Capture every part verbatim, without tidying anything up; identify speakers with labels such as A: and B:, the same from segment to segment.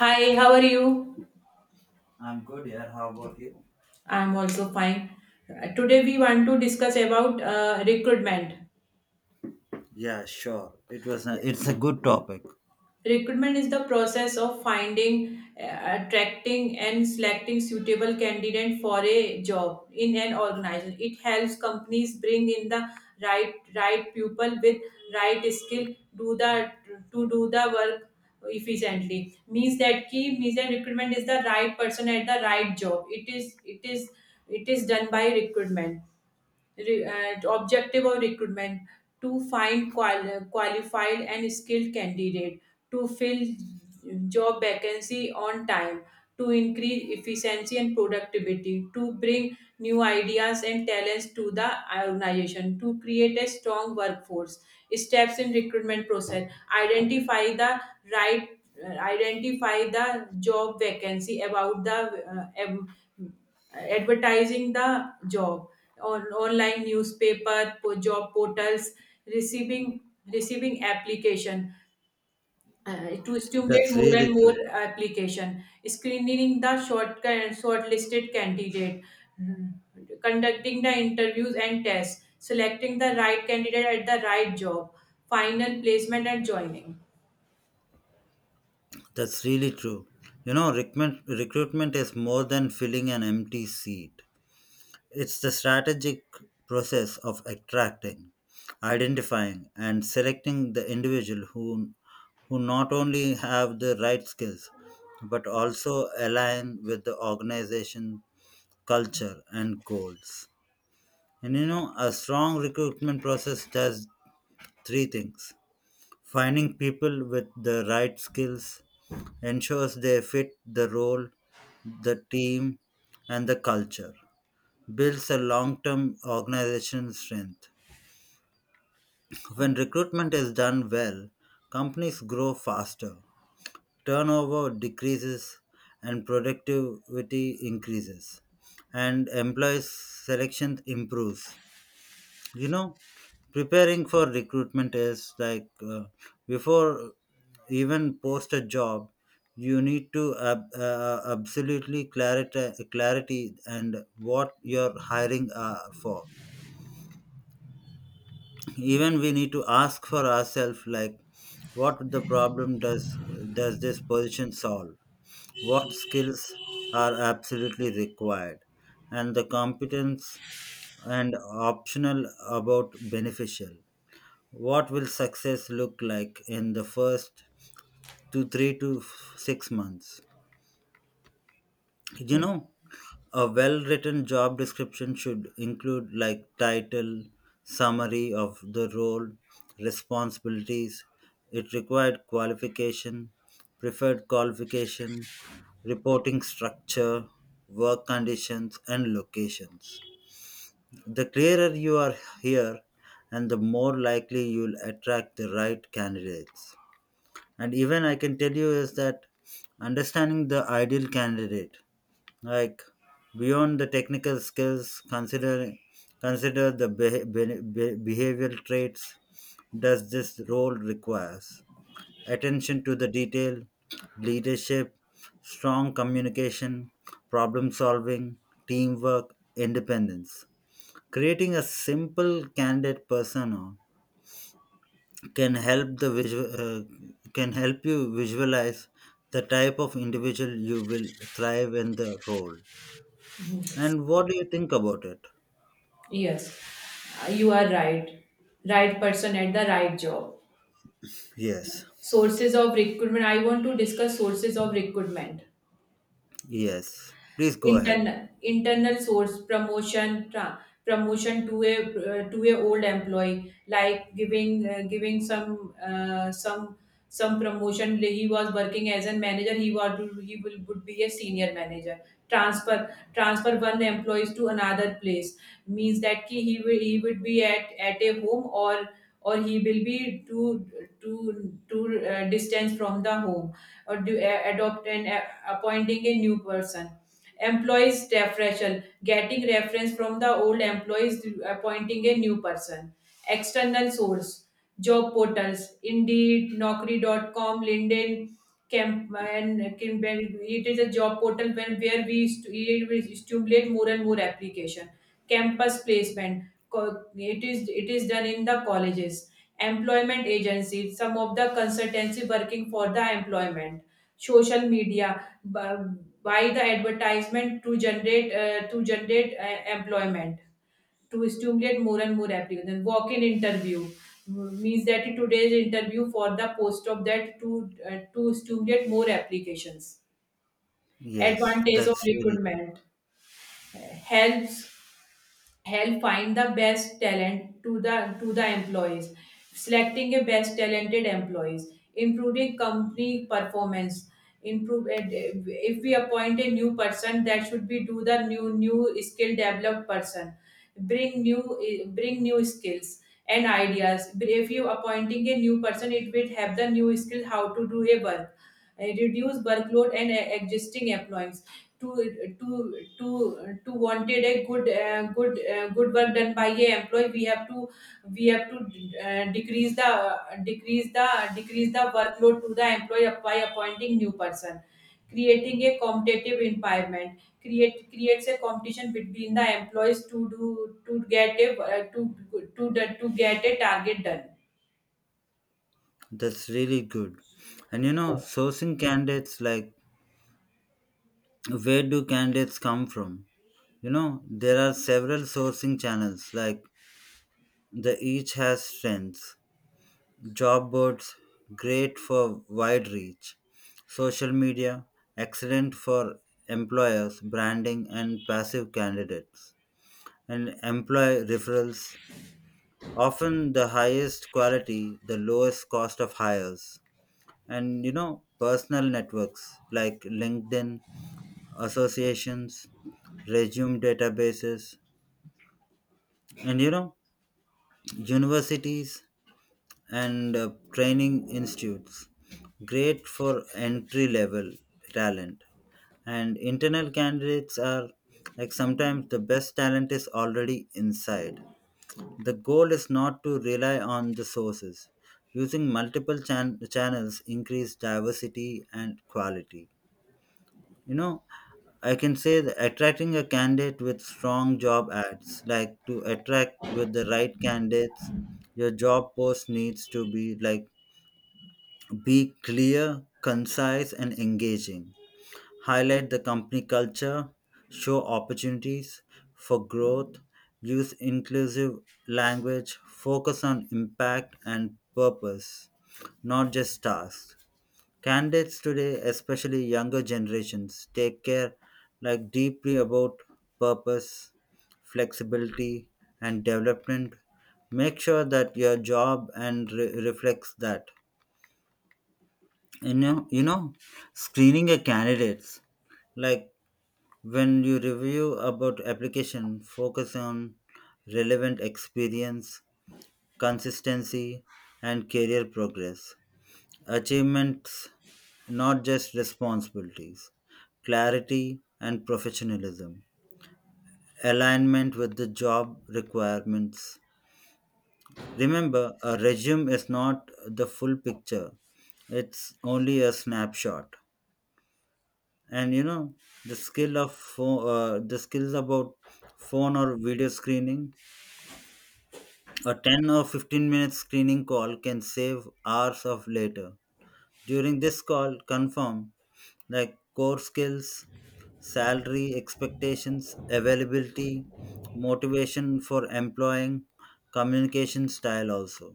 A: Hi, how are you?
B: I'm good here. How about you?
A: I'm also fine. Uh, Today we want to discuss about uh, recruitment.
B: Yeah, sure. It was a, it's a good topic.
A: Recruitment is the process of finding, uh, attracting, and selecting suitable candidate for a job in an organization. It helps companies bring in the right right people with right skill do the to do the work efficiently. Means that key means that recruitment is the right person at the right job. It is it is it is done by recruitment. Re- uh, objective of recruitment to find qual- qualified and skilled candidate to fill job vacancy on time, to increase efficiency and productivity, to bring new ideas and talents to the organization, to create a strong workforce. Steps in recruitment process: identify the right, uh, identify the job vacancy about the uh, em- advertising the job on online newspaper, po- job portals, receiving receiving application, uh, to stimulate
B: That's
A: more and
B: really
A: more
B: true.
A: application, screening the short uh, shortlisted candidate, mhm, conducting the interviews and tests, selecting the right candidate at the right job, final placement and joining.
B: That's really true. You know, recruitment recruitment is more than filling an empty seat. It's the strategic process of attracting, identifying, and selecting the individual who who not only have the right skills but also align with the organization culture and goals. And you know, a strong recruitment process does three things. Finding people with the right skills ensures they fit the role, the team, and the culture. Builds a long term organization strength. When recruitment is done well, companies grow faster, turnover decreases, and productivity increases, and employees' selection improves. You know, preparing for recruitment is like, uh, before even post a job you need to ab- uh, uh, absolutely clarity clarity and what you're hiring uh, for. Even we need to ask for ourselves like what the problem does does this position solve, what skills are absolutely required, and the competence and optional about beneficial. What will success look like in the first to three to f- six months? You know, a well written job description should include like title, summary of the role, responsibilities, it required qualification, preferred qualification, reporting structure, work conditions, and locations. The clearer you are here, and the more likely you'll attract the right candidates. And even I can tell you is that understanding the ideal candidate, like beyond the technical skills, consider consider the beh- beh- beh- behavioral traits. Does this role requires attention to the detail, leadership, strong communication, problem solving, teamwork, independence. Creating a simple candid persona can help the visual uh, can help you visualize the type of individual you will thrive in the role.
A: Mhm.
B: And what do you think about it?
A: Yes, Uh, you are right. Right person at the right job.
B: Yes.
A: Sources of recruitment. I want to discuss sources of recruitment.
B: Yes, please go ahead.
A: internal internal source, promotion, tra- promotion to a, uh, to a old employee, like giving, uh, giving some uh, some some promotion. Like, he was working as a manager, he was he will would be a senior manager. Transfer transfer one employees to another place. Means that ki he will he would be at at a home, or or he will be too too too, uh, distance from the home, or do, uh, adopt and, uh, appointing a new person. Employees referral, getting reference from the old employees, appointing a new person. External source, job portals, Indeed, naukri dot com, LinkedIn, Camp, and Kim- it is a job portal where, where we st- it will stimulate more and more application. Campus placement, co- it is it is done in the colleges. Employment agencies, some of the consultancy working for the employment. Social media by, by the advertisement to generate, uh, to generate, uh, employment, to stimulate more and more applications. Walk-in interview, mm, means that today's interview for the post of that to, uh, to stimulate more applications.
B: Yes,
A: Advantage of
B: that's really,
A: recruitment: uh, helps help find the best talent to the to the employees, selecting a best talented employees, improving company performance, improve and, uh, if we appoint a new person, that should be do the new new skill developed person, bring new, eh, bring new skills and ideas. If you appointing a new person, it will have the new skill how to do a work. Uh, reduce workload and, uh, existing employees, to to to to wanted a good uh, good uh, good work done by a employee, we have to we have to uh, decrease the decrease the decrease the workload to the employee by appointing new person. Creating a competitive environment, create creates a competition between the employees to do, to get a, uh, to to to get a target done.
B: that's really good. And you know, sourcing candidates, like where do candidates come from? You know, there are several sourcing channels, like the each has strengths. Job boards, great for wide reach. Social media, excellent for employers, branding, and passive candidates. And employee referrals, often the highest quality, the lowest cost of hires. And you know, personal networks like LinkedIn, associations, resume databases, and you know, universities and uh, training institutes. Great for entry level talent. And internal candidates are like sometimes the best talent is already inside. The goal is not to rely on the sources. Using multiple chan- channels increase diversity and quality. You know, I can say that attracting a candidate with strong job ads, like to attract with the right candidates, your job post needs to be like be clear, concise, and engaging. Highlight the company culture, show opportunities for growth, use inclusive language, focus on impact and purpose, not just tasks. Candidates today, especially younger generations, take care like deeply about purpose, flexibility, and development. Make sure that your job and re- reflects that. You know you know screening a candidates, like when you review about application focus on relevant experience, consistency, and career progress, achievements, not just responsibilities, clarity and professionalism, alignment with the job requirements. Remember a resume is not the full picture, it's only a snapshot. And you know, the skill of pho- uh, the skills about phone or video screening, a ten or fifteen minute screening call can save hours of later. During this call confirm like core skills, salary expectations, availability, motivation for employing, communication style also.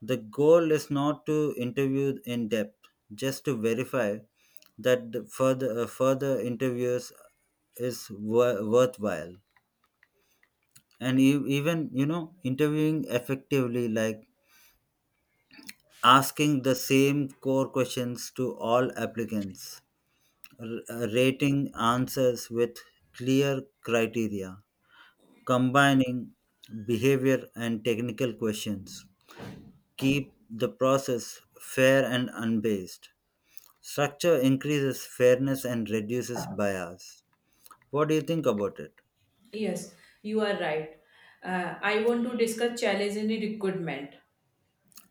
B: The goal is not to interview in depth, just to verify that the further uh, further interviews is wor- worthwhile. And e- even you know interviewing effectively, like asking the same core questions to all applicants, r- uh, rating answers with clear criteria, combining behavior and technical questions, keep the process fair and unbiased. Structure increases fairness and reduces bias. What do you think about it?
A: Yes, you are right. Uh, I want to discuss challenge in recruitment.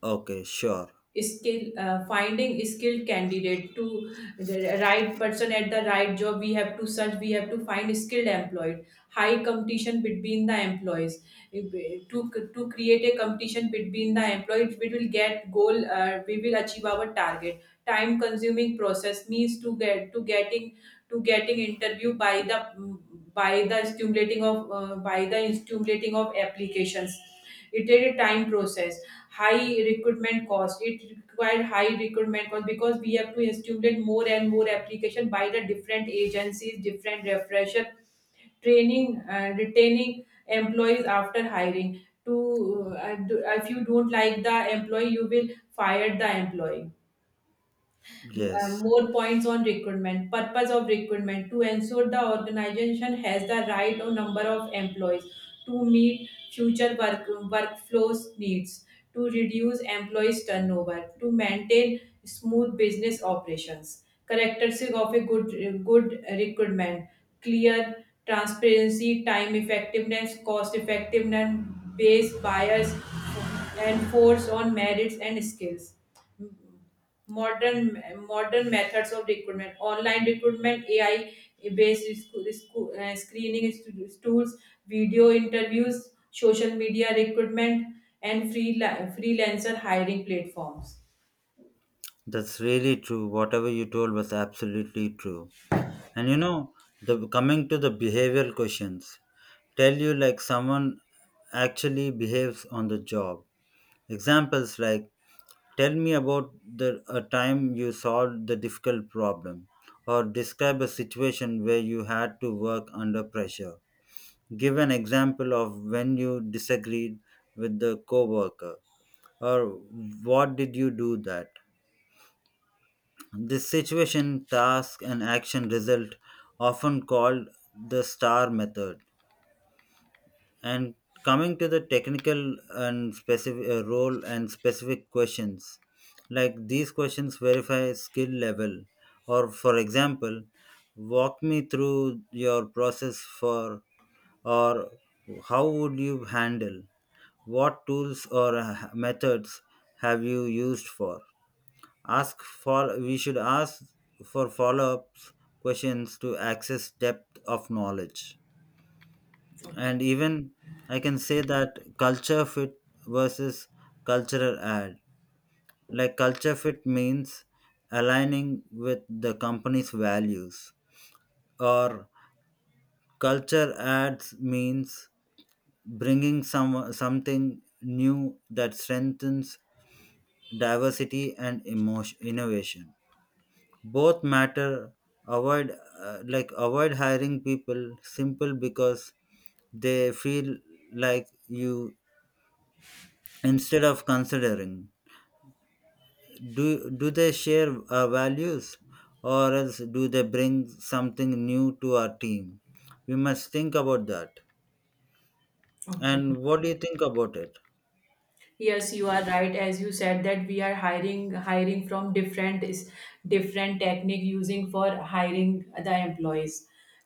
B: Okay, sure.
A: Skill uh, Finding skilled candidate to the right person at the right job, we have to search, we have to find skilled employed, high competition between the employees. If- to to create a competition between the employees, we will get goal, uh, we will achieve our target. Time consuming process, means to get to getting to getting interview by the by the stimulating of, uh, by the stimulating of applications, it did a time process. High recruitment cost. It required high recruitment cost because we have to stimulate more and more application by the different agencies, different refresher training, uh, retaining employees after hiring to, uh, do- if you don't like the employee, you will fire the employee. Uh,
B: Yes,
A: more points on recruitment. Purpose of recruitment: to ensure the organization has the right or number of employees to meet future work workflows needs, to reduce employees turnover, to maintain smooth business operations. Characteristic of a good good recruitment: clear transparency, time effectiveness, cost effectiveness, base bias, and force on merits and skills. Modern modern methods of recruitment: online recruitment, AI based sc- sc- uh, screening st- tools, video interviews, social media recruitment, and free freelancer hiring platforms.
B: that's really true. Whatever you told was absolutely true. And you know, the coming to the behavioral questions, tell you like someone actually behaves on the job. Examples like tell me about the a time you solved the difficult problem, or describe a situation where you had to work under pressure. Give an example of when you disagreed with the coworker, or what did you do that? This situation, task, and action result, often called the STAR method. And coming to the technical and specific uh, role and specific questions, like these questions verify skill level, or for example, walk me through your process for, or how would you handle? What tools or uh, methods have you used for? Ask for We should ask for follow-ups questions to access depth of knowledge.
A: Okay.
B: And even I can say that culture fit versus cultural ad. Like culture fit means aligning with the company's values, or culture ads means bringing some something new that strengthens diversity and emotion, innovation. Both matter. Avoid uh, like avoid hiring people simple because they feel like you, instead of considering, do do they share our values, or else do they bring something new to our team? We must think about that.
A: Okay.
B: And what do you think about it?
A: Yes, you are right. As you said that we are hiring hiring from different is different technique using for hiring the employees.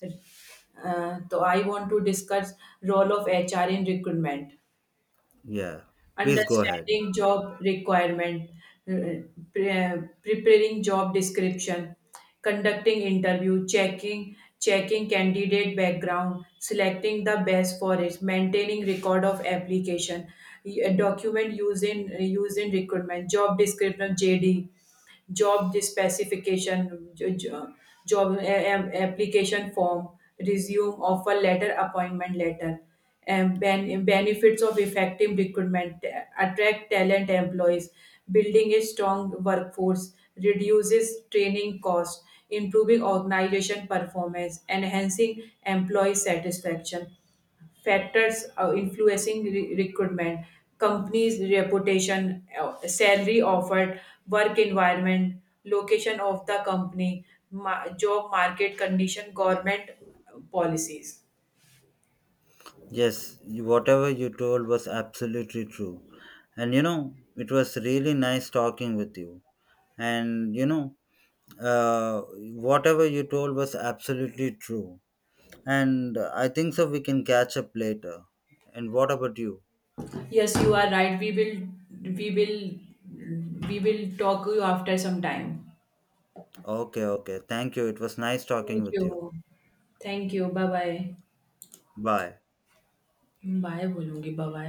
A: uh, So I want to discuss role of HR in recruitment.
B: Yeah, please go ahead.
A: Understanding job requirement, uh, uh, pre- uh, preparing job description, conducting interview, checking checking candidate background, selecting the best for it, maintaining record of application, y- uh, document used in used in recruitment, job description, J D, job specification, jo- jo- job a- a- application form, resume, offer letter, appointment letter, and ben- benefits of effective recruitment: attract talent employees, building a strong workforce, reduces training costs, improving organization performance, enhancing employee satisfaction. Factors uh, influencing re- recruitment: company's reputation, uh, salary offered, work environment, location of the company, ma- job market condition, government, uh, policies.
B: Yes, you- whatever you told was absolutely true. And you know, it was really nice talking with you. And you know, uh, whatever you told was absolutely true. And uh, I think so, we can catch up later. And what about you?
A: Yes, you are right. We will we will we will talk you after some time.
B: Okay, okay. Thank you. It was nice
A: Thank
B: talking with you.
A: you. Thank you. Bye bye.
B: Bye.
A: Bye बोलूंगी bye.